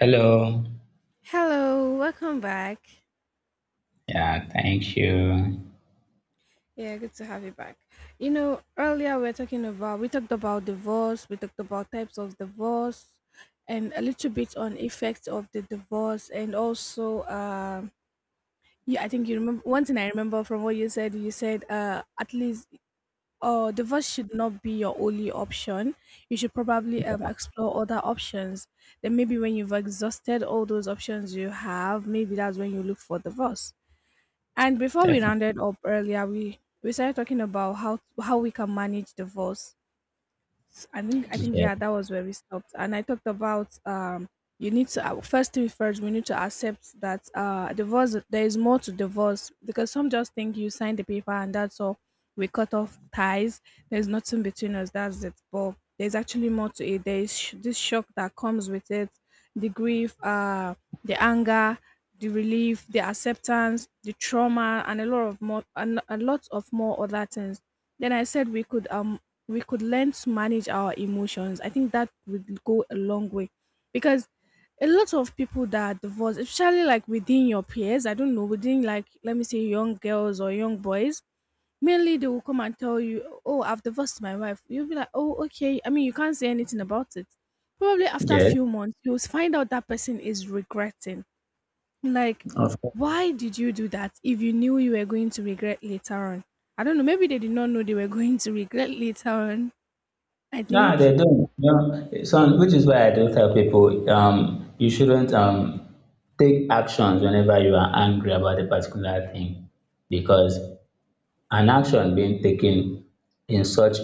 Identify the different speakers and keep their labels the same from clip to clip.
Speaker 1: Hello.
Speaker 2: Hello, welcome back.
Speaker 1: Yeah, thank you.
Speaker 2: Yeah, good to have you back. You know, earlier we talked about divorce, we talked about types of divorce, and a little bit on effects of the divorce, and also, yeah, I think you remember one thing I remember from what you said. You said, at least, divorce should not be your only option. You should probably explore other options. Then maybe when you've exhausted all those options you have, maybe that's when you look for divorce. And before we
Speaker 1: Definitely.
Speaker 2: rounded up earlier, we started talking about how we can manage divorce. I think I think,
Speaker 1: Yeah.
Speaker 2: yeah, that was where we stopped, and I talked about you need to first thing first, we need to accept that divorce, there is more to divorce, because some just think you sign the paper and that's all, we cut off ties, there's nothing between us, that's it. But there's actually more to it. There is this shock that comes with it, the grief, the anger, the relief, the acceptance, the trauma, and a lot of more, and a lot of more other things. Then I said we could learn to manage our emotions. I think that would go a long way, because a lot of people that are divorced, especially like within your peers, I don't know, within like, let me say, young girls or young boys, mainly they will come and tell you, "Oh, I've divorced my wife." You'll be like, "Oh, okay." I mean, you can't say anything about it. Probably after a
Speaker 1: Yes.
Speaker 2: few months, you'll find out that person is regretting, like,
Speaker 1: Of course.
Speaker 2: why did you do that if you knew you were going to regret later on? I don't know. Maybe they did not know they were going to regret later on, I
Speaker 1: Yeah,
Speaker 2: think.
Speaker 1: they don't. Yeah. So, which is why I do tell people, you shouldn't take actions whenever you are angry about a particular thing, because an action being taken in such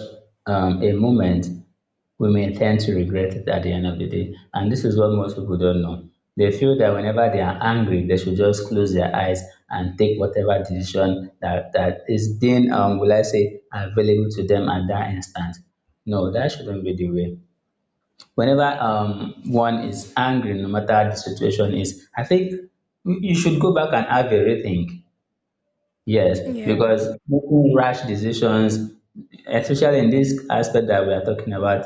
Speaker 1: a moment, we may tend to regret it at the end of the day. And this is what most people don't know. They feel that whenever they are angry, they should just close their eyes and take whatever decision that is being, will I say, available to them at that instant. No, that shouldn't be the way. Whenever one is angry, no matter the situation is, I think you should go back and have a rethink. Yes,
Speaker 2: Yeah.
Speaker 1: because making rash decisions, especially in this aspect that we are talking about,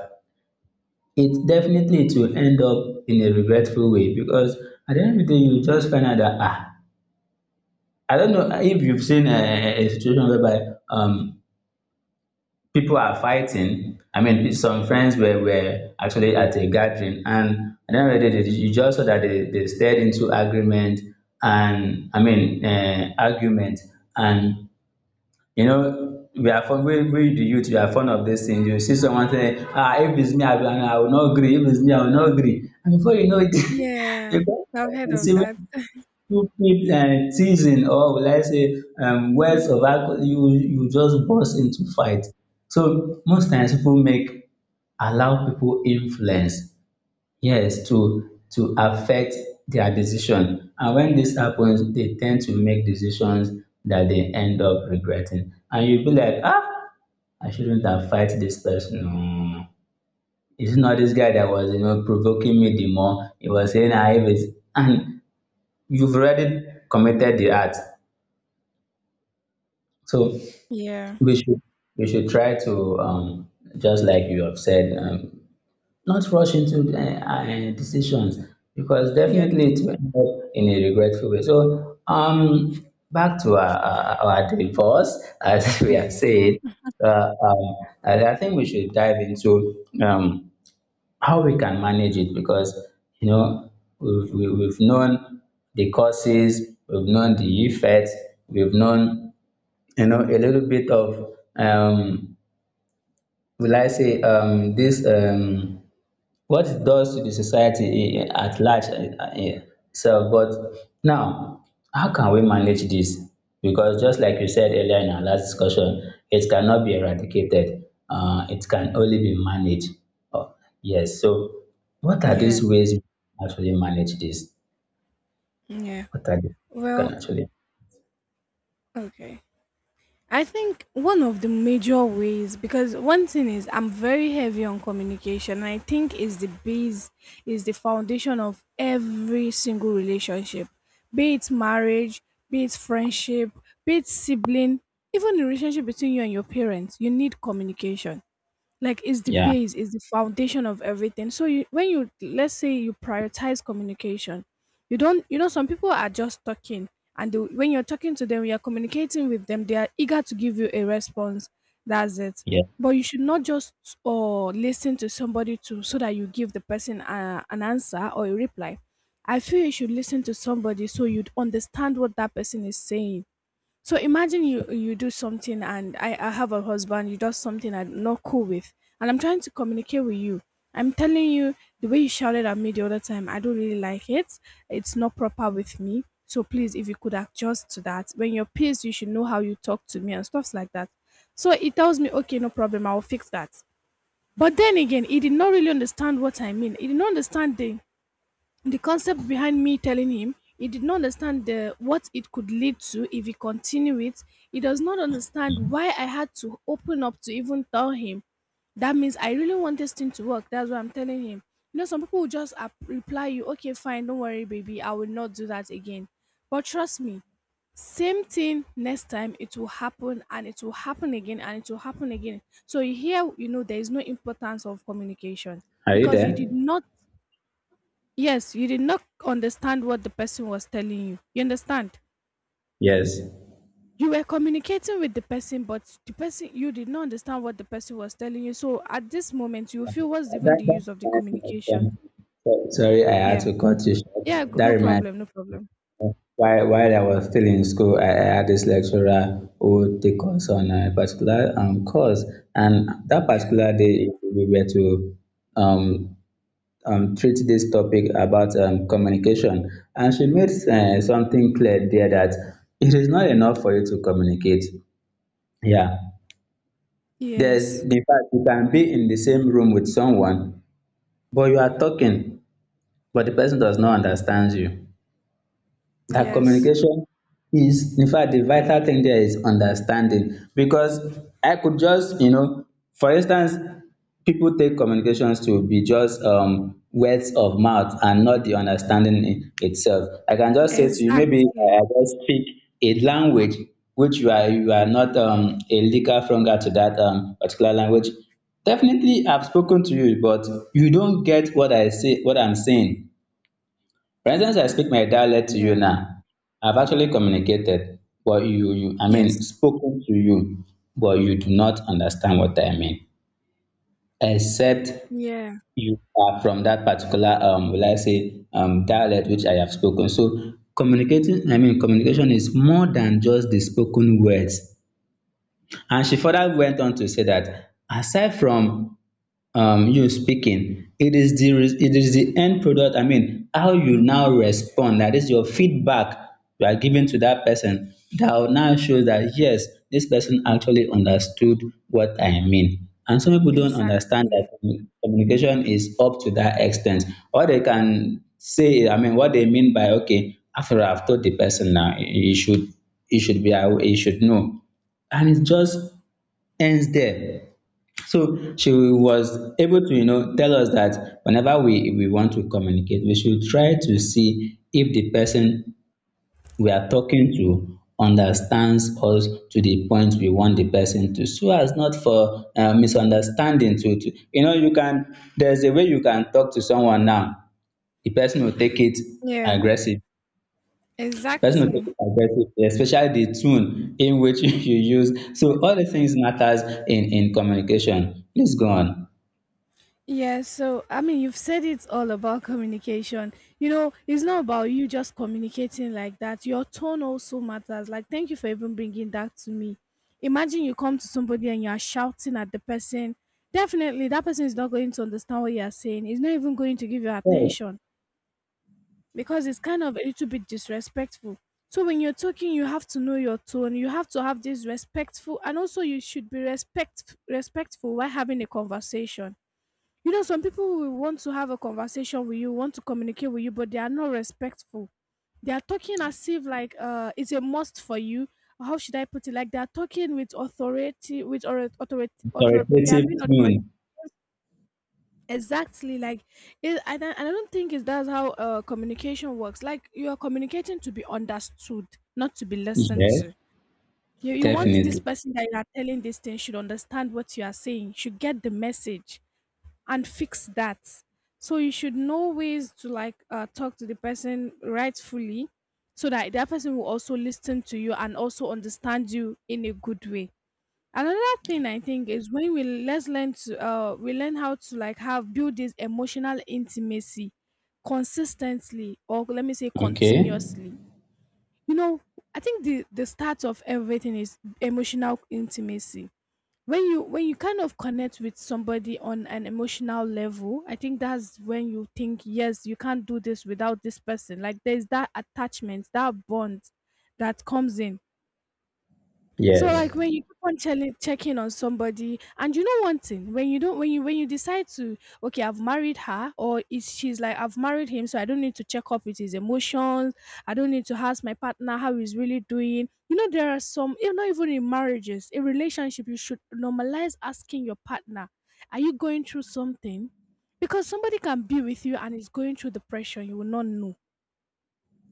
Speaker 1: it definitely it will end up in a regretful way because at the end of the day, you just find out that I don't know if you've seen a situation whereby people are fighting. I mean, some friends were actually at a gathering, and at the end of the day, you just saw that they stared into agreement and I mean argument and you know, we are fond we the youth we are fond of this thing. You see someone say, ah, if it's me, I will not agree. If it's me, I will not agree." And before you know it, you
Speaker 2: Yeah.
Speaker 1: go
Speaker 2: I've heard of
Speaker 1: receiving
Speaker 2: that.
Speaker 1: stupid teasing or will I say words of acco you you just burst into fight. So most times people make allow people influence, yes, to affect their decision. And when this happens, they tend to make decisions that they end up regretting. And you'll be like, ah, I shouldn't have fight this person. No. It's not this guy that was, you know, provoking me the more. He was saying I was, and you've already committed the act. So
Speaker 2: Yeah.
Speaker 1: we should we should try to just like you have said, not rush into the decisions because definitely
Speaker 2: Yes.
Speaker 1: it will end up in a regretful way. So back to our divorce, as we have
Speaker 2: Yeah.
Speaker 1: said, uh, um I think we should dive into how we can manage it, because you know, we've known the causes, we've known the effects, we've known, you know, a little bit of will I say this what it does to the society at large itself. But now, how can we manage this? Because just like you said earlier in our last discussion, it cannot be eradicated. It can only be managed. Oh, yes. So, what are
Speaker 2: Yeah.
Speaker 1: these ways we can actually manage this?
Speaker 2: Yeah.
Speaker 1: What are the ways we
Speaker 2: Well,
Speaker 1: can actually?
Speaker 2: okay. I think one of the major ways, because one thing is I'm very heavy on communication. I think is the base, is the foundation of every single relationship, be it marriage, be it friendship, be it sibling, even the relationship between you and your parents. You need communication, like it's the
Speaker 1: Yeah.
Speaker 2: base, it's the foundation of everything. So you, when you, let's say, you prioritize communication, you don't, you know, some people are just talking, and they, when you're talking to them, you're communicating with them, they are eager to give you a response, that's it.
Speaker 1: Yeah.
Speaker 2: But you should not just, or listen to somebody to, so that you give the person an answer or a reply. I feel you should listen to somebody so you'd understand what that person is saying. So imagine you, you do something, and I, have a husband, you does something I'm not cool with, and I'm trying to communicate with you. I'm telling you, the way you shouted at me the other time, I don't really like it. It's not proper with me. So please, if you could adjust to that. When you're pissed, you should know how you talk to me and stuffs like that. So he tells me, "Okay, no problem, I'll fix that." But then again, he did not really understand what I mean. He did not understand the concept behind me telling him, he did not understand the what it could lead to if he continued it. He does not understand why I had to open up to even tell him. That means I really want this thing to work. That's what I'm telling him. You know, some people will just reply you, "Okay, fine, don't worry, baby, I will not do that again." But trust me, same thing, next time, it will happen, and it will happen again, and it will happen again. So here, you know, there is no importance of communication
Speaker 1: Are you
Speaker 2: because you did
Speaker 1: there?
Speaker 2: not, yes, you did not understand what the person was telling you. You understand?
Speaker 1: Yes.
Speaker 2: You were communicating with the person, but the person, you did not understand what the person was telling you. So at this moment, you feel, what's even the
Speaker 1: That
Speaker 2: use of the
Speaker 1: reminds me of
Speaker 2: communication?
Speaker 1: something. Sorry, I had
Speaker 2: Yeah,
Speaker 1: to cut you
Speaker 2: yeah,
Speaker 1: short. That
Speaker 2: no
Speaker 1: reminds.
Speaker 2: problem, no problem.
Speaker 1: While I was still in school, I had this lecturer who take us on a particular course, and that
Speaker 2: Yeah,
Speaker 1: particular day we were to um, treat this topic about communication, and she made something clear there that it is not enough for you to communicate. Yeah, there's,
Speaker 2: yes,
Speaker 1: in fact, you can be in the same room with someone, but you are talking, but the person does not understand you. That
Speaker 2: yes,
Speaker 1: communication is, in fact, the vital thing there is understanding, because I could just, you know, for instance, people take communications to be just words of mouth and not the understanding in itself. I can just say to you, maybe
Speaker 2: exactly.
Speaker 1: I just speak a language which you are not a legal flunger to that particular language. Definitely, I've spoken to you, but you don't get what I'm saying. For instance, I speak my dialect to you
Speaker 2: Yeah,
Speaker 1: now. I've actually communicated, but I
Speaker 2: yes,
Speaker 1: mean, spoken to you, but you do not understand what I mean. Except
Speaker 2: yeah,
Speaker 1: you are from that particular, will I say, dialect which I have spoken. So communicating, I mean, communication is more than just the spoken words. And she further went on to say that aside from you speaking, it is the it is the end product. I mean, how you now respond. That is your feedback you are giving to that person. That will now show that, yes, this person actually understood what I mean. And some people don't understand
Speaker 2: exactly.
Speaker 1: that communication is up to that extent. What they can say, I mean, what they mean by, okay, after I've told the person now, he should be aware, he should know, and it just ends there. So she was able to, you know, tell us that whenever we want to communicate, we should try to see if the person we are talking to understands us to the point we want the person to, so as not for misunderstanding to, you know, you can, there's a way you can talk to someone now, the person will take it
Speaker 2: Yeah,
Speaker 1: aggressive the person will take
Speaker 2: exactly.
Speaker 1: it aggressively, especially the tone in which you use. So all the things matters in communication. Please go on.
Speaker 2: Yeah, so I mean, you've said it's all about communication. You know, it's not about you just communicating like that. Your tone also matters. Like, thank you for even bringing that to me. Imagine you come to somebody and you are shouting at the person. Definitely, that person is not going to understand what you are saying. He's not even going to give you
Speaker 1: Yes.
Speaker 2: attention because it's kind of a little bit disrespectful. So when you're talking, you have to know your tone. You have to have this respectful, and also you should be respectful while having a conversation. You know, some people will want to have a conversation with you, want to communicate with you, but they are not respectful. They are talking as if like it's a must for you. How should I put it? Like they are talking with authority, authority, they are
Speaker 1: Authoritative
Speaker 2: being authority.
Speaker 1: tone.
Speaker 2: Exactly, like it, I don't think it's that's how communication works. Like you are communicating to be understood, not to be listened
Speaker 1: Yes,
Speaker 2: to. You want this
Speaker 1: definitely.
Speaker 2: person that you are telling this thing should understand what you are saying, should get the message and fix that. So you should know ways to, like, talk to the person rightfully so that that person will also listen to you and also understand you in a good way. Another thing I think is when we, let's learn how to, like, have build this emotional intimacy consistently, or let me say
Speaker 1: Okay.
Speaker 2: continuously. You know, I think the start of everything is emotional intimacy. When you, when you kind of connect with somebody on an emotional level, I think that's when you think, yes, you can't do this without this person. Like there's that attachment, that bond that comes in. So
Speaker 1: Yes.
Speaker 2: like when you keep on checking on somebody, and you know one thing, when you don't, when you, when you decide to, okay, I've married her, or is she's like, I've married him, so I don't need to check up with his emotions. I don't need to ask my partner how he's really doing. You know, there are some, even not even in marriages, in relationship, you should normalize asking your partner, are you going through something? Because somebody can be with you and is going through depression, you will not know.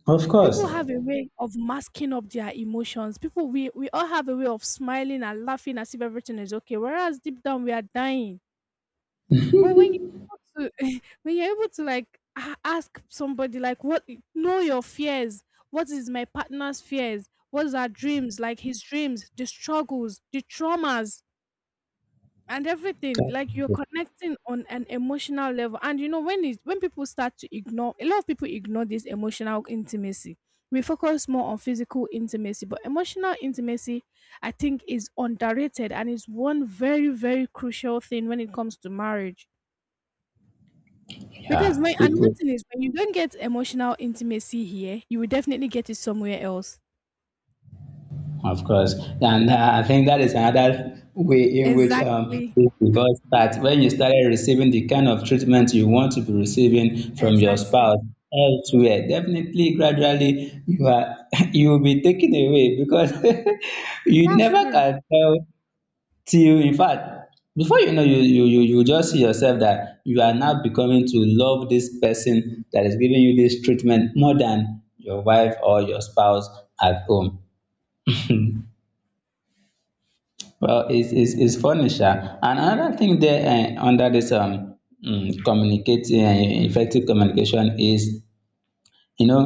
Speaker 1: Of
Speaker 2: People
Speaker 1: course.
Speaker 2: have a way of masking up their emotions. People, we all have a way of smiling and laughing as if everything is okay, whereas deep down we are dying. But when you able to, when you're able to, like, ask somebody, like what, know your fears, what is my partner's fears, what's our dreams, like his dreams, the struggles, the traumas, and everything, like you're connecting on an emotional level. And you know, when it, when people start to ignore, a lot of people ignore this emotional intimacy. We focus more on physical intimacy, but emotional intimacy, I think, is underrated and is one very, very crucial thing when it comes to marriage. Because
Speaker 1: Yeah.
Speaker 2: when, and one
Speaker 1: People
Speaker 2: thing is, when you don't get emotional intimacy here, you will definitely get it somewhere else.
Speaker 1: of course, and I think that is another way in which
Speaker 2: Exactly,
Speaker 1: because that when you started receiving the kind of treatment you want to be receiving from your
Speaker 2: exactly.
Speaker 1: spouse elsewhere, definitely gradually you are you will be taken away, because you
Speaker 2: That's
Speaker 1: never
Speaker 2: true.
Speaker 1: can tell, till, in fact, before you know, you just see yourself that you are now becoming to love this person that is giving you this treatment more than your wife or your spouse at home. Well, it's furniture. And another thing there under this communicating, effective communication is, you know,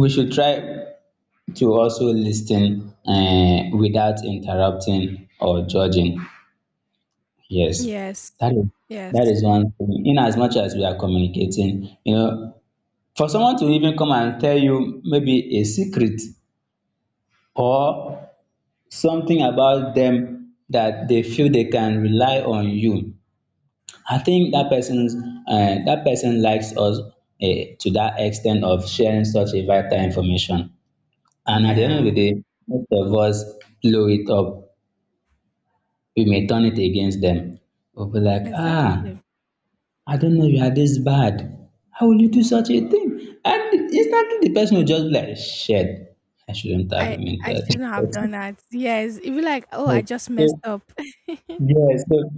Speaker 1: we should try to also listen ten without interrupting or judging. Yes,
Speaker 2: Yes,
Speaker 1: that is
Speaker 2: yes,
Speaker 1: one thing. In as much as we are communicating, you know, for someone to even come and tell you maybe a secret or something about them that they feel they can rely on you, I think that person's, that person likes us to that extent of sharing such a vital information. And at the end of the
Speaker 2: yeah,
Speaker 1: day, most of us blow it up. We may turn it against them. We'll be like, ah,
Speaker 2: exactly.
Speaker 1: I don't know you are this bad. How will you do such a thing? And instantly the person will just be like, shit, I shouldn't have
Speaker 2: I
Speaker 1: invented.
Speaker 2: shouldn't have done that. Yes, if you like, oh, I just messed
Speaker 1: So,
Speaker 2: up.
Speaker 1: yeah, so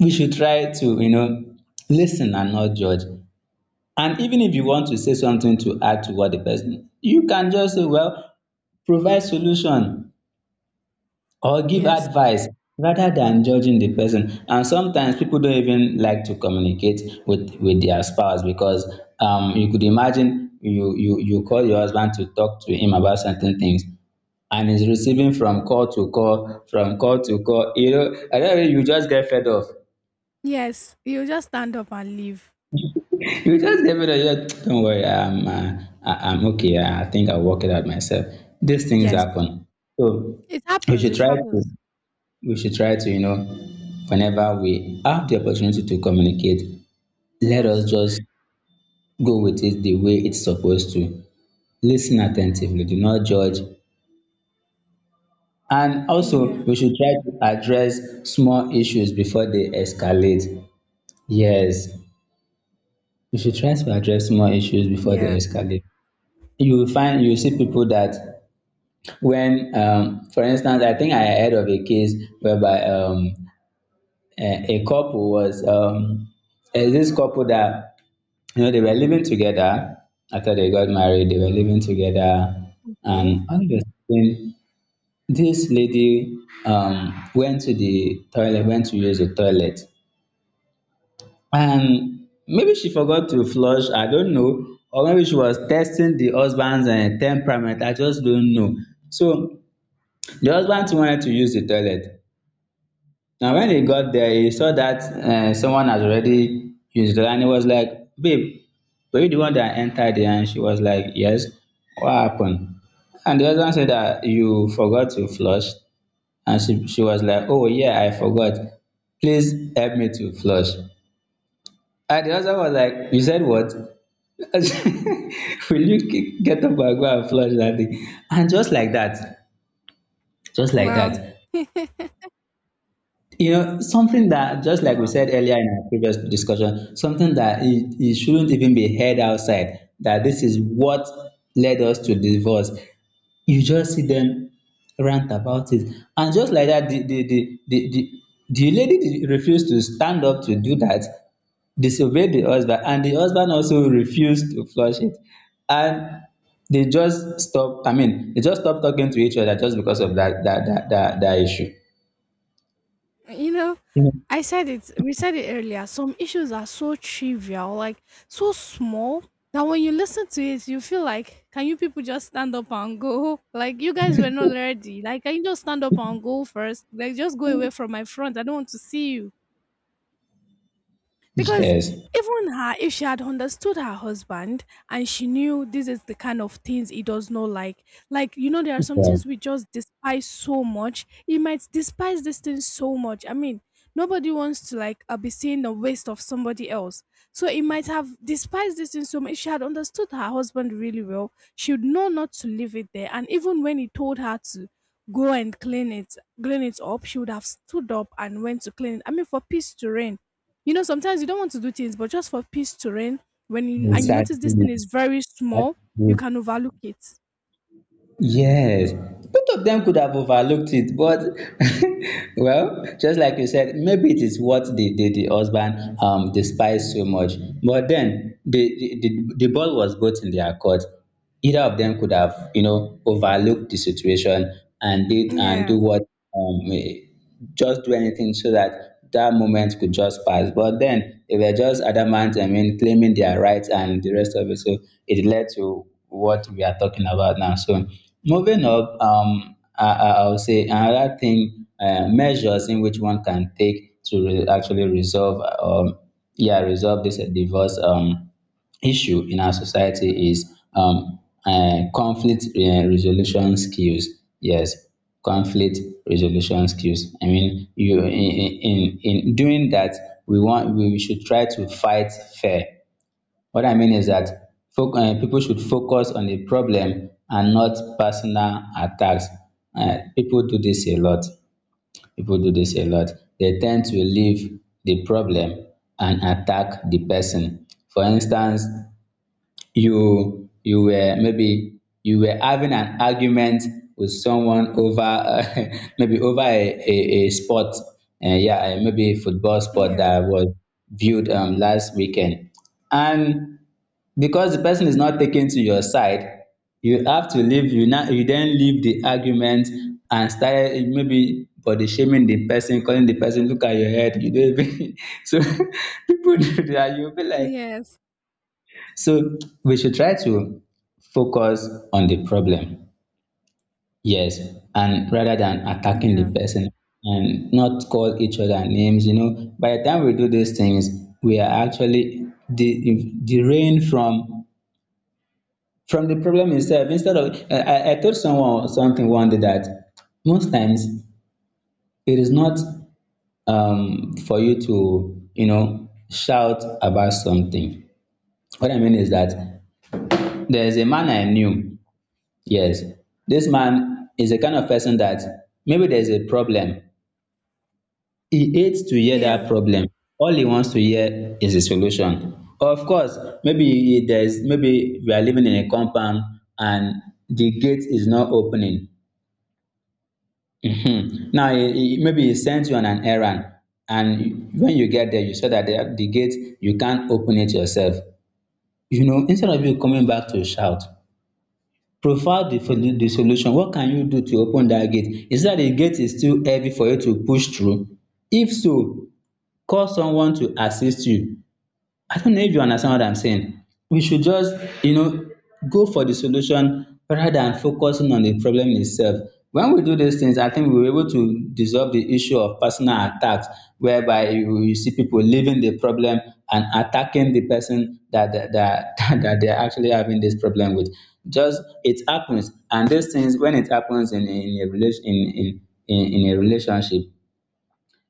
Speaker 1: we should try to, you know, listen and not judge. And even if you want to say something to add to what the person, you can just say, well, provide solution or give
Speaker 2: Yes,
Speaker 1: advice rather than judging the person. And sometimes people don't even like to communicate with, their spouse because, you could imagine you call your husband to talk to him about certain things and he's receiving from call to call, from call to call. You know, and then you just get fed up.
Speaker 2: yes, you just stand up and leave.
Speaker 1: You just gave it a yeah, don't worry. I'm okay. I think I'll work it out myself. These things
Speaker 2: Yes,
Speaker 1: happen. So
Speaker 2: it
Speaker 1: we
Speaker 2: happens.
Speaker 1: should
Speaker 2: It
Speaker 1: try
Speaker 2: happens.
Speaker 1: to, we should try to, you know, whenever we have the opportunity to communicate, let us
Speaker 2: Yes.
Speaker 1: just go with it the way it's supposed to. Listen attentively, do not judge. And
Speaker 2: Yeah.
Speaker 1: also, we should try to address small issues before they escalate. Yes, you should try to address small issues before
Speaker 2: Yeah.
Speaker 1: they escalate. You will find you will see people that when for instance I think I heard of a case whereby a couple was. There's this couple that you know they were living together after they got married they were living together, and
Speaker 2: Okay.
Speaker 1: all of a sudden this lady, went to the toilet, went to use the toilet. And maybe she forgot to flush, I don't know, or maybe she was testing the husband's temperament, I just don't know. So the husband too wanted to use the toilet. Now when he got there he saw that someone has already used it, and he was like, babe, were you the one that entered here? And she was like, yes, what happened? And the husband said that you forgot to flush. And she was like, oh yeah, I forgot, please help me to flush. And the husband was like, you said what? Will you get up and go and flush that thing? And just like that, just like
Speaker 2: Well.
Speaker 1: that, you know, something that, just like we
Speaker 2: Wow.
Speaker 1: said earlier in our previous discussion, something that it shouldn't even be heard outside, that this is what led us to divorce. You just see them rant about it. And just like that, the the lady refused to stand up to do that, disobeyed the husband, and the husband also refused to flush it. And they just stop, I mean, they just stop talking to each other just because of that issue.
Speaker 2: You know,
Speaker 1: Yeah.
Speaker 2: I said it. We said it earlier. Some issues are so trivial, like so small. That when you listen to it, you feel like, can you people just stand up and go? Like you guys were not ready. Like can you just stand up and go first? Like just go away from my front. I don't want to see you. Because
Speaker 1: Yes.
Speaker 2: even her, if she had understood her husband and she knew this is the kind of things he does not like, like, you know, there are some
Speaker 1: Yeah,
Speaker 2: things we just despise so much. He might despise this thing so much. I mean, nobody wants to, like, be seeing the waste of somebody else. So he might have despised this thing so much. If she had understood her husband really well, she would know not to leave it there. And even when he told her to go and clean it up, she would have stood up and went to clean it. I mean, for peace to reign, you know, sometimes you don't want to do things, but just for peace to reign, and you notice
Speaker 1: exactly.
Speaker 2: this thing is very
Speaker 1: That's
Speaker 2: small, you
Speaker 1: good.
Speaker 2: can overlook it.
Speaker 1: Yes, both of them could have overlooked it, but well, just like you said, maybe it is what the husband despised so much. But then, the ball was both in their court. Either of them could have, you know, overlooked the situation and did and do
Speaker 2: Yeah,
Speaker 1: what? um eh, just do anything so that that moment could just pass. But then they were just adamant, I mean, claiming their rights and the rest of it. So it led to what we are talking about now. So moving up, I would say another thing, measures in which one can take to actually resolve, yeah, resolve this divorce. Issue in our society is conflict resolution skills. Yes, conflict resolution skills. I mean, you, in doing that, we should try to fight fair. What I mean is that people should focus on the problem and not personal attacks. People do this a lot. People do this a lot. They tend to leave the problem and attack the person. For instance, you were, maybe you were having an argument with someone over maybe over a sport, yeah, maybe football sport
Speaker 2: yeah,
Speaker 1: that was viewed last weekend. And because the person is not taken to your side, you have to leave, you then leave the argument and start maybe body shaming the person, calling the person, look at your head, you don't even so people do that, you'll be like,
Speaker 2: yes,
Speaker 1: so we should try to focus on the problem, yes, and rather than attacking
Speaker 2: yeah,
Speaker 1: the person, and not call each other names. You know, by the time we do these things, we are actually derailing from the problem itself. Instead of, I told someone something one day that most times it is not for you to, you know, shout about something. What I mean is that there's a man I knew. Yes, this man is a kind of person that maybe there's a problem. He hates to hear
Speaker 2: yeah,
Speaker 1: that problem. All he wants to hear is a solution. Of course, maybe we are living in a compound and the gate is not opening. Mhm. Now, maybe he sends you on an errand, and when you get there, you saw that the gate, you can't open it yourself. You know, instead of you coming back to shout, profile the solu the solution, what can you do to open dat gate? Is it that the gate is too heavy for you to push through? If so, call someone to assist you. I don't know if you understand what I'm saying. We should just, you know, go for the solution rather than focusing on the problem itself. When we do these things, I think we're able to dissolve the issue of personal attacks, whereby you see people leaving the problem and attacking the person that that they're actually having this problem with. Just it happens, and these things when it happens in a relation in a relationship,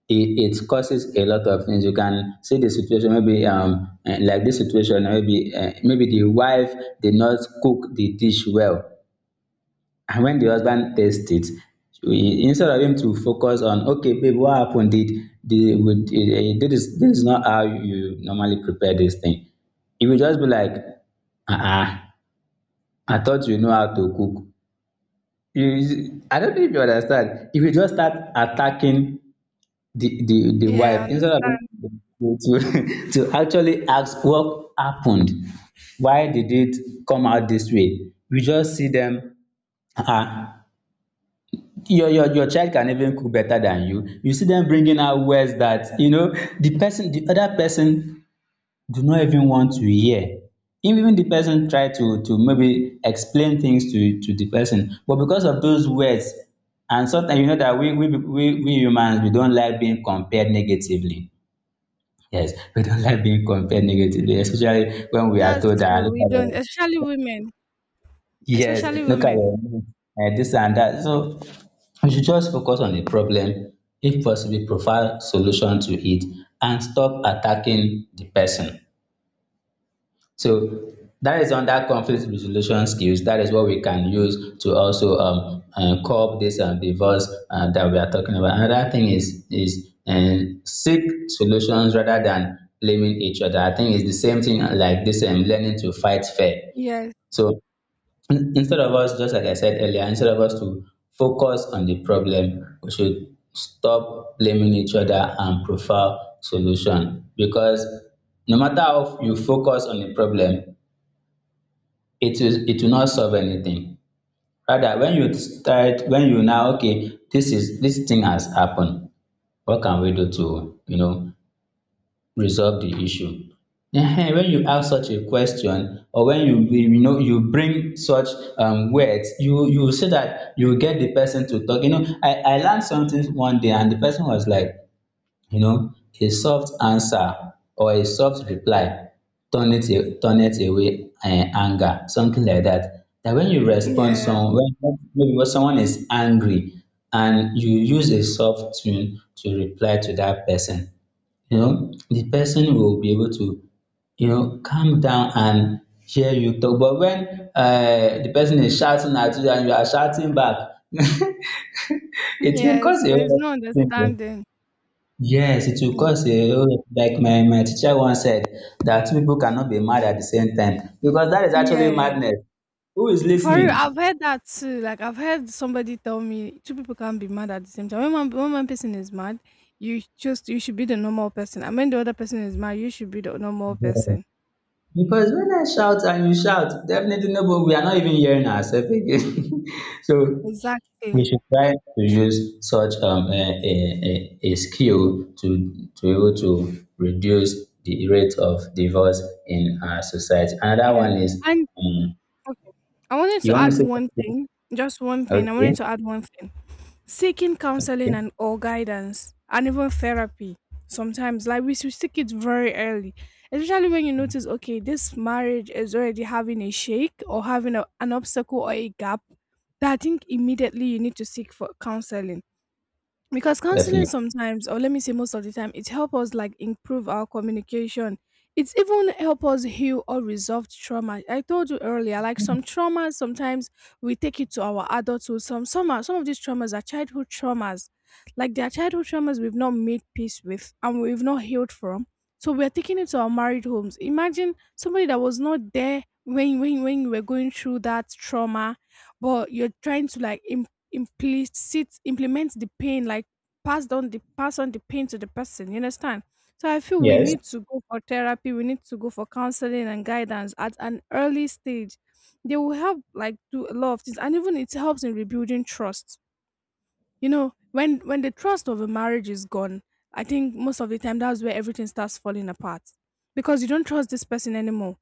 Speaker 1: it causes a lot of things. You can see the situation, maybe like this situation, maybe the wife did not cook the dish well, and when the husband tastes it, instead of him to focus on, okay, babe, what happened? Did the would eh, eh, this is not how you normally prepare this thing. He will just be like, uh-uh, I thought you know how to cook. You, I don't know if you understand. If you just start attacking the wife
Speaker 2: yeah.
Speaker 1: instead of to to actually ask what happened, why did it come out this way? We just see them, ah, your child can even cook better than you. You see them bringing out words that, you know, the other person do not even want to hear. Even the person try to maybe explain things to the person, but because of those words. And sometimes, you know, that we humans, we don't like being compared negatively. Yes, we don't like being compared negatively, especially when we are
Speaker 2: That's
Speaker 1: told that,
Speaker 2: true.
Speaker 1: look
Speaker 2: We
Speaker 1: at
Speaker 2: don't,
Speaker 1: your,
Speaker 2: especially women,
Speaker 1: yes,
Speaker 2: especially
Speaker 1: look at
Speaker 2: women.
Speaker 1: your this and that. So we should just focus on the problem, if possible, provide solution to it, and stop attacking the person. So that is under conflict resolution skills. That is what we can use to also curb this divorce that we are talking about. Another thing is seek solutions rather than blaming each other. I think it's the same thing, like this learning to fight fair.
Speaker 2: Yes,
Speaker 1: So instead of us, just like I said earlier, instead of us to focus on the problem, we should stop blaming each other and prefer solution. Because no matter how you focus on the problem, it will not solve anything. Rather, when you start when you now okay, this, is this thing has happened, what can we do to, you know, resolve the issue? Ehen, when you ask such a question, or when you know, you bring such words, you say that you get the person to talk. You know, I learned something one day, and the person was like, you know, a soft answer or a soft reply turn it turn it away anger, something like that. That when you respond
Speaker 2: yeah,
Speaker 1: some when, maybe when someone is angry and you use a soft tone to reply to that person, you know, the person will be able to, you know, calm down and hear you talk. But when, the person is shouting at you and you are shouting back, it will
Speaker 2: yes.
Speaker 1: cause a
Speaker 2: There's
Speaker 1: whole
Speaker 2: no
Speaker 1: lot of things.
Speaker 2: understanding.
Speaker 1: Yes, it will
Speaker 2: Yeah,
Speaker 1: cause a whole like my teacher once said that two people cannot be mad at the same time, because that is actually
Speaker 2: yeah.
Speaker 1: madness. Who is
Speaker 2: For real,
Speaker 1: listening?
Speaker 2: I've heard that too. Like I've heard somebody tell me two people can't be mad at the same time. When one person is mad, you should be the normal person. And when the other person is mad, you should be the normal
Speaker 1: Yeah.
Speaker 2: person.
Speaker 1: Because when I shout and you shout, definitely nobody, we are not even hearing ourselves again. So we
Speaker 2: Exactly.
Speaker 1: should try to use such a skill to be able to reduce the rate of divorce in our society. Another
Speaker 2: Yeah.
Speaker 1: one is,
Speaker 2: And
Speaker 1: um,
Speaker 2: okay, I wanted
Speaker 1: you
Speaker 2: to
Speaker 1: want to
Speaker 2: add
Speaker 1: say
Speaker 2: one
Speaker 1: something?
Speaker 2: thing. Just one thing. I wanted
Speaker 1: Okay,
Speaker 2: to add one thing. Seeking counseling
Speaker 1: okay.
Speaker 2: and or guidance and even therapy sometimes, like, we should seek it very early, especially when you notice okay, this marriage is already having a shake or having a, an obstacle or a gap, that I think immediately you need to seek for counseling. Because counseling,
Speaker 1: Definitely.
Speaker 2: sometimes, or let me say most of the time, it help us like improve our communication. It's even help us heal or resolve trauma. I told you earlier, like, some traumas sometimes we take it to our adulthood. Some of these traumas are childhood traumas, like they are childhood traumas we've not made peace with and we've not healed from. So we're taking it to our married homes. Imagine somebody that was not there when you were going through that trauma, but you're trying to, like, implicit implement the pain, like pass on the pain to the person. You understand? So I feel we
Speaker 1: Yes.
Speaker 2: need to go for therapy, we need to go for counseling and guidance at an early stage. They will help, like, do a lot of things, and even it helps in rebuilding trust. You know, when the trust of a marriage is gone, I think most of the time that's where everything starts falling apart. Because you don't trust this person anymore.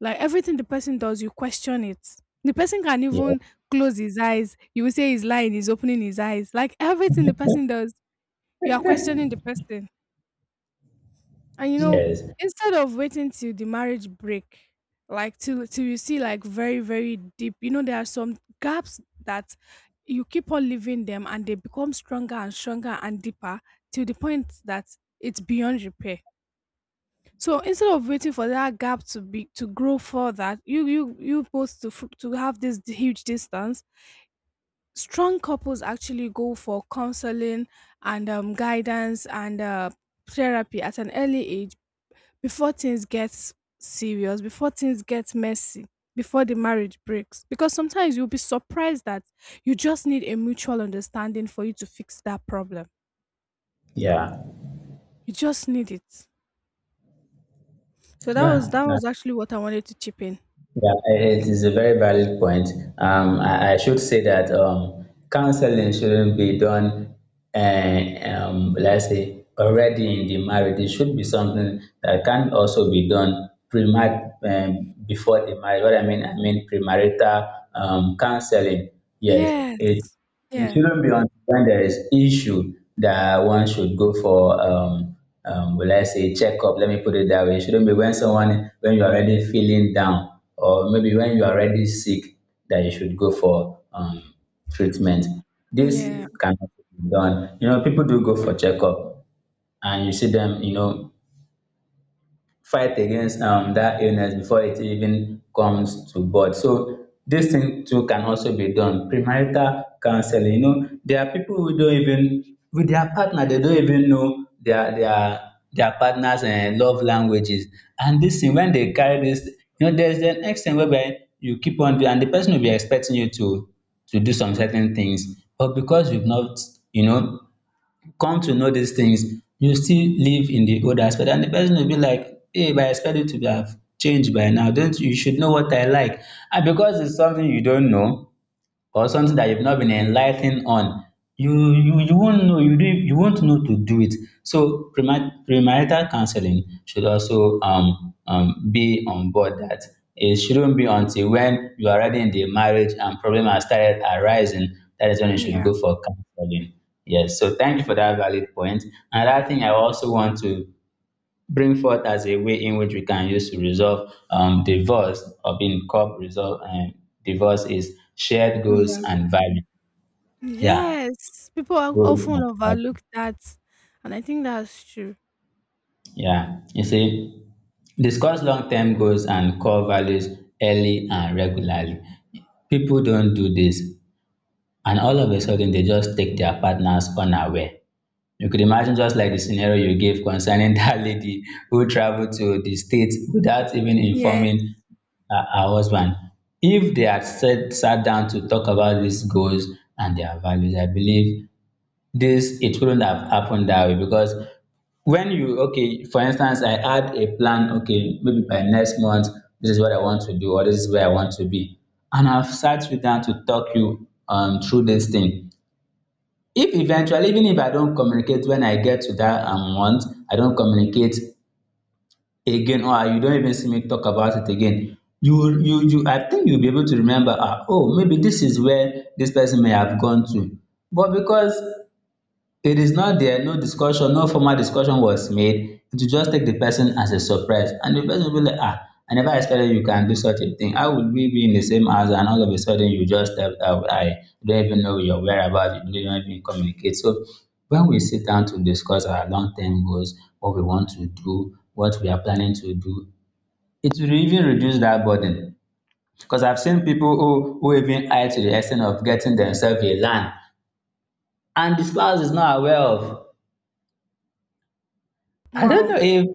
Speaker 2: Like, everything the person does, you question it. The person can
Speaker 1: Yes.
Speaker 2: even close his eyes, you will say he's lying. He's opening his eyes, like everything the person does, you are questioning the person. And, you know,
Speaker 1: Yes.
Speaker 2: instead of waiting till the marriage break, like till you see like very, very deep, you know, there are some gaps that you keep on leaving them and they become stronger and stronger and deeper, till the point that it's beyond repair. So instead of waiting for that gap to be to grow further, you both to have this huge distance. Strong couples actually go for counseling and, guidance and, therapy at an early age, before things get serious, before things get messy, before the marriage breaks. Because sometimes you'll be surprised that you just need a mutual understanding for you to fix that problem.
Speaker 1: Yeah.
Speaker 2: You just need it. So that was
Speaker 1: Yeah.
Speaker 2: that
Speaker 1: na-
Speaker 2: was actually what I wanted to chip in.
Speaker 1: Yeah. It is a very valid point. I should say that counseling shouldn't be done, let's say, already in the marriage. It should be something that can also be done before the marriage. I mean premarital counseling. Yes. It
Speaker 2: Yes.
Speaker 1: It
Speaker 2: Yeah.
Speaker 1: shouldn't be until when there is issue that one should go for will I say checkup? Let me put it that way. It shouldn't be when someone, when you're already feeling down, or maybe when you're already sick, that you should go for treatment. This
Speaker 2: Yeah,
Speaker 1: cannot be done. You know, people do go for checkup, and you see them, you know, fight against that illness before it even comes to birth. So this thing too can also be done. Premarital counseling. You know, there are people who don't even, with their partner, they don't even know their partner's love languages. And this thing when they carry this, you know, there's an extent whereby you keep on doing and the person will be expecting you to do some certain things. But because you've not, you know, come to know these things, you still live in the old aspect. And the person will be like, hey, but I expect you to have changed by now. Don't you should know what I like. And because it's something you don't know, or something that you've not been enlightened on, you won't know to do it. So premarital counseling should also be on board, that it shouldn't be until when you are already in the marriage and problem has started arising, that is when you should
Speaker 2: yeah,
Speaker 1: go for counseling. Yes, so thank you for that valid point. Another thing I also want to bring forth as a way in which we can use to resolve divorce or being called resolve divorce is shared goals
Speaker 2: yeah.
Speaker 1: and values. Yeah,
Speaker 2: Yes, people are
Speaker 1: goals
Speaker 2: often
Speaker 1: and values.
Speaker 2: overlook that, and I think that's true.
Speaker 1: Yeah, you see, discuss long-term goals and core values early and regularly. People don't do this, and all of a sudden they just take their partners unaware. You could imagine just like the scenario you gave concerning that lady who traveled to the states without even
Speaker 2: Yes,
Speaker 1: informing her husband. If they had sat down to talk about these goals and their values, I believe this it wouldn't have happened that way. Because when you okay, for instance, I had a plan, okay, maybe by next month this is what I want to do, or this is where I want to be, and I've sat you down to talk you through this thing, if eventually, even if I don't communicate when I get to that want, I not communicate again, or you don't even see me talk about it again, you I think you'll be able to remember, ah, oh, maybe this is where this person may have gone to. But because it is not there, no discussion, no formal discussion was made, it will just take the person as a surprise. And the person will be like, ah, I never expected you can do such a thing. How would we be in the same house and all of a sudden you just step out? I don't even know your whereabouts, you don't even communicate. So when we sit down to discuss our long-term goals, what we want to do, what we are planning to do, it will even reduce that burden. Because I've seen people who even hide to the extent of getting themselves a land and the spouse is not aware of. I don't
Speaker 2: wow.
Speaker 1: know if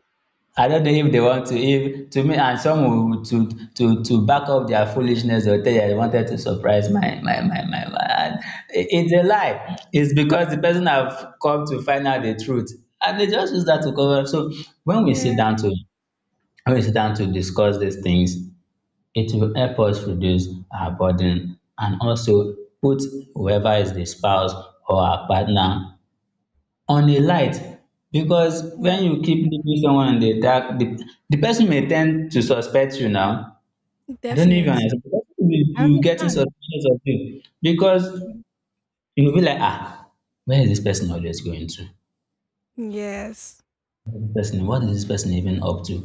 Speaker 1: they want to if to me, and some will to back up their foolishness or tell you I wanted to surprise my man. It's a lie. It's because the person have come to find out the truth, and they just use that to cover up. So when we sit
Speaker 2: Yeah,
Speaker 1: down to when we sit down to discuss these things, it will help us reduce our burden and also put whoever is the spouse or our partner on a light. Because when
Speaker 2: yes,
Speaker 1: you keep leaving someone in the dark, the person may tend to suspect you now. I don't know if you
Speaker 2: definitely.
Speaker 1: understand. The person will
Speaker 2: I
Speaker 1: be getting
Speaker 2: understand.
Speaker 1: suspicious of you because
Speaker 2: Mm.
Speaker 1: you will be like, ah, where is this person always going to?
Speaker 2: Yes,
Speaker 1: Where is this person, what is this person even up to?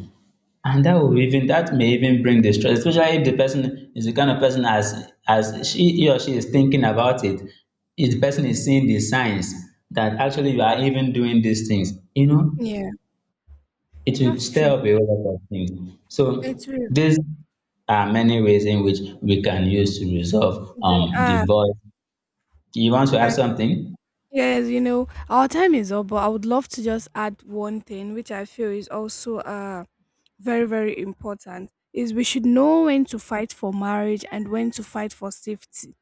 Speaker 1: And that may even bring distress, especially if the person is the kind of person, as she, he or she is thinking about it. If the person is seeing the signs that actually you are even doing these things, you know,
Speaker 2: yeah,
Speaker 1: it will
Speaker 2: that's true.
Speaker 1: stir up a whole lot of things.
Speaker 2: It's
Speaker 1: So
Speaker 2: true.
Speaker 1: these are many ways in which we can use to resolve
Speaker 2: They
Speaker 1: the
Speaker 2: are,
Speaker 1: voice. You want to add
Speaker 2: and
Speaker 1: something?
Speaker 2: yes, you know, our time is up, but I would love to just add one thing, which I feel is also, uh, very, very important, is we should know when to fight for marriage and when to fight for safety,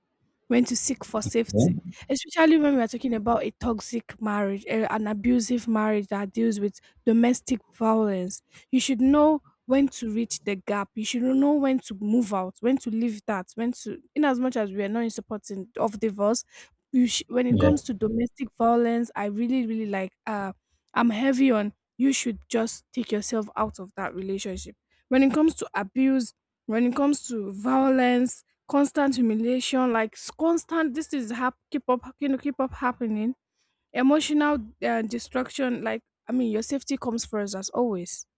Speaker 2: when to seek for
Speaker 1: Yeah.
Speaker 2: safety, especially when we are talking about a toxic marriage, eh, an abusive marriage that deals with domestic violence. You should know when to reach the gap. You should know when to move out, when to leave that, when to, in as much as we are not in supporting of divorce, when it
Speaker 1: Yeah.
Speaker 2: comes to domestic violence, I really, really like, I'm heavy on you should just take yourself out of that relationship. When it comes to abuse, when it comes to violence, constant humiliation, like, constant. This is keep up, you know, keep up happening. Emotional, destruction, like, I mean, your safety comes first as always.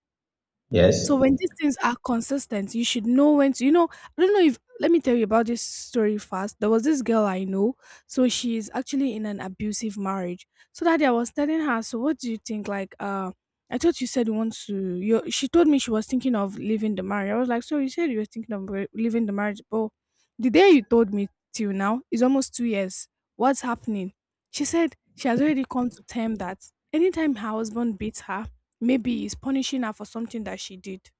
Speaker 1: Yes.
Speaker 2: So when these things are consistent, you should know when to, you know, I don't know if, let me tell you about this story fast. There was this girl I know. So she's actually in an abusive marriage. So that day I was telling her, so what do you think? Like, I thought you said you want to, you, she told me she was thinking of leaving the marriage. I was like, so you said you were thinking of leaving the marriage, but the day you told me till now is almost 2 years. What's happening? She said she has already come to term that anytime her husband beats her, maybe he's punishing her for something that she did.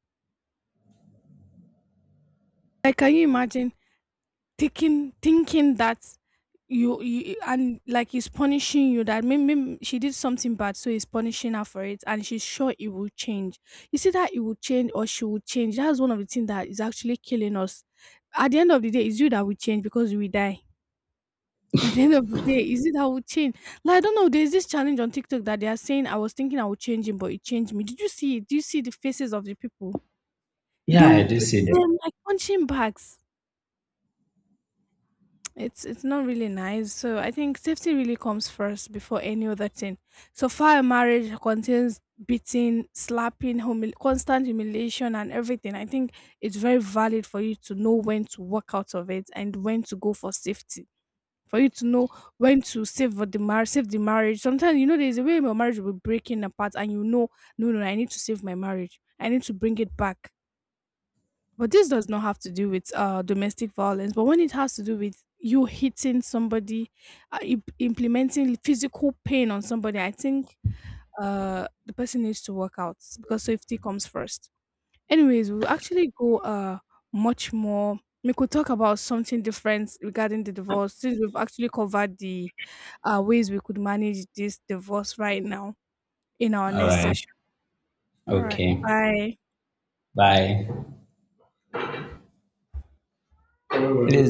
Speaker 2: Like, can you imagine thinking that you, and like he's punishing you, that maybe she did something bad, so he's punishing her for it, and she's sure it will change. You see that it will change or she will change. That's one of the things that is actually killing us. At the end of the day, it's you that will change because we die. At the end of the day, is it that will change? Like, I don't know. There's this challenge on TikTok that they are saying I was thinking I would change him, but it changed me. Did you see it? Do you see the faces of the people? They
Speaker 1: Yeah,
Speaker 2: will
Speaker 1: I do
Speaker 2: beat
Speaker 1: see that.
Speaker 2: them like punching bags. It's not really nice. So I think safety really comes first before any other thing. So far, a marriage contains beating, slapping, constant humiliation, and everything. I think it's very valid for you to know when to walk out of it and when to go for safety. For you to know when to save for the marriage, save the marriage. Sometimes you know there's a way your marriage will be breaking apart, and you know, no, no, no, I need to save my marriage. I need to bring it back. But this does not have to do with, domestic violence. But when it has to do with you hitting somebody, implementing physical pain on somebody, I think, the person needs to work out because safety comes first. Anyways, we'll actually go, much more. We could talk about something different regarding the divorce, since we've actually covered the, ways we could manage this divorce right now, in our
Speaker 1: All
Speaker 2: next
Speaker 1: right.
Speaker 2: session. All right.
Speaker 1: Okay.
Speaker 2: Bye.
Speaker 1: Bye. It is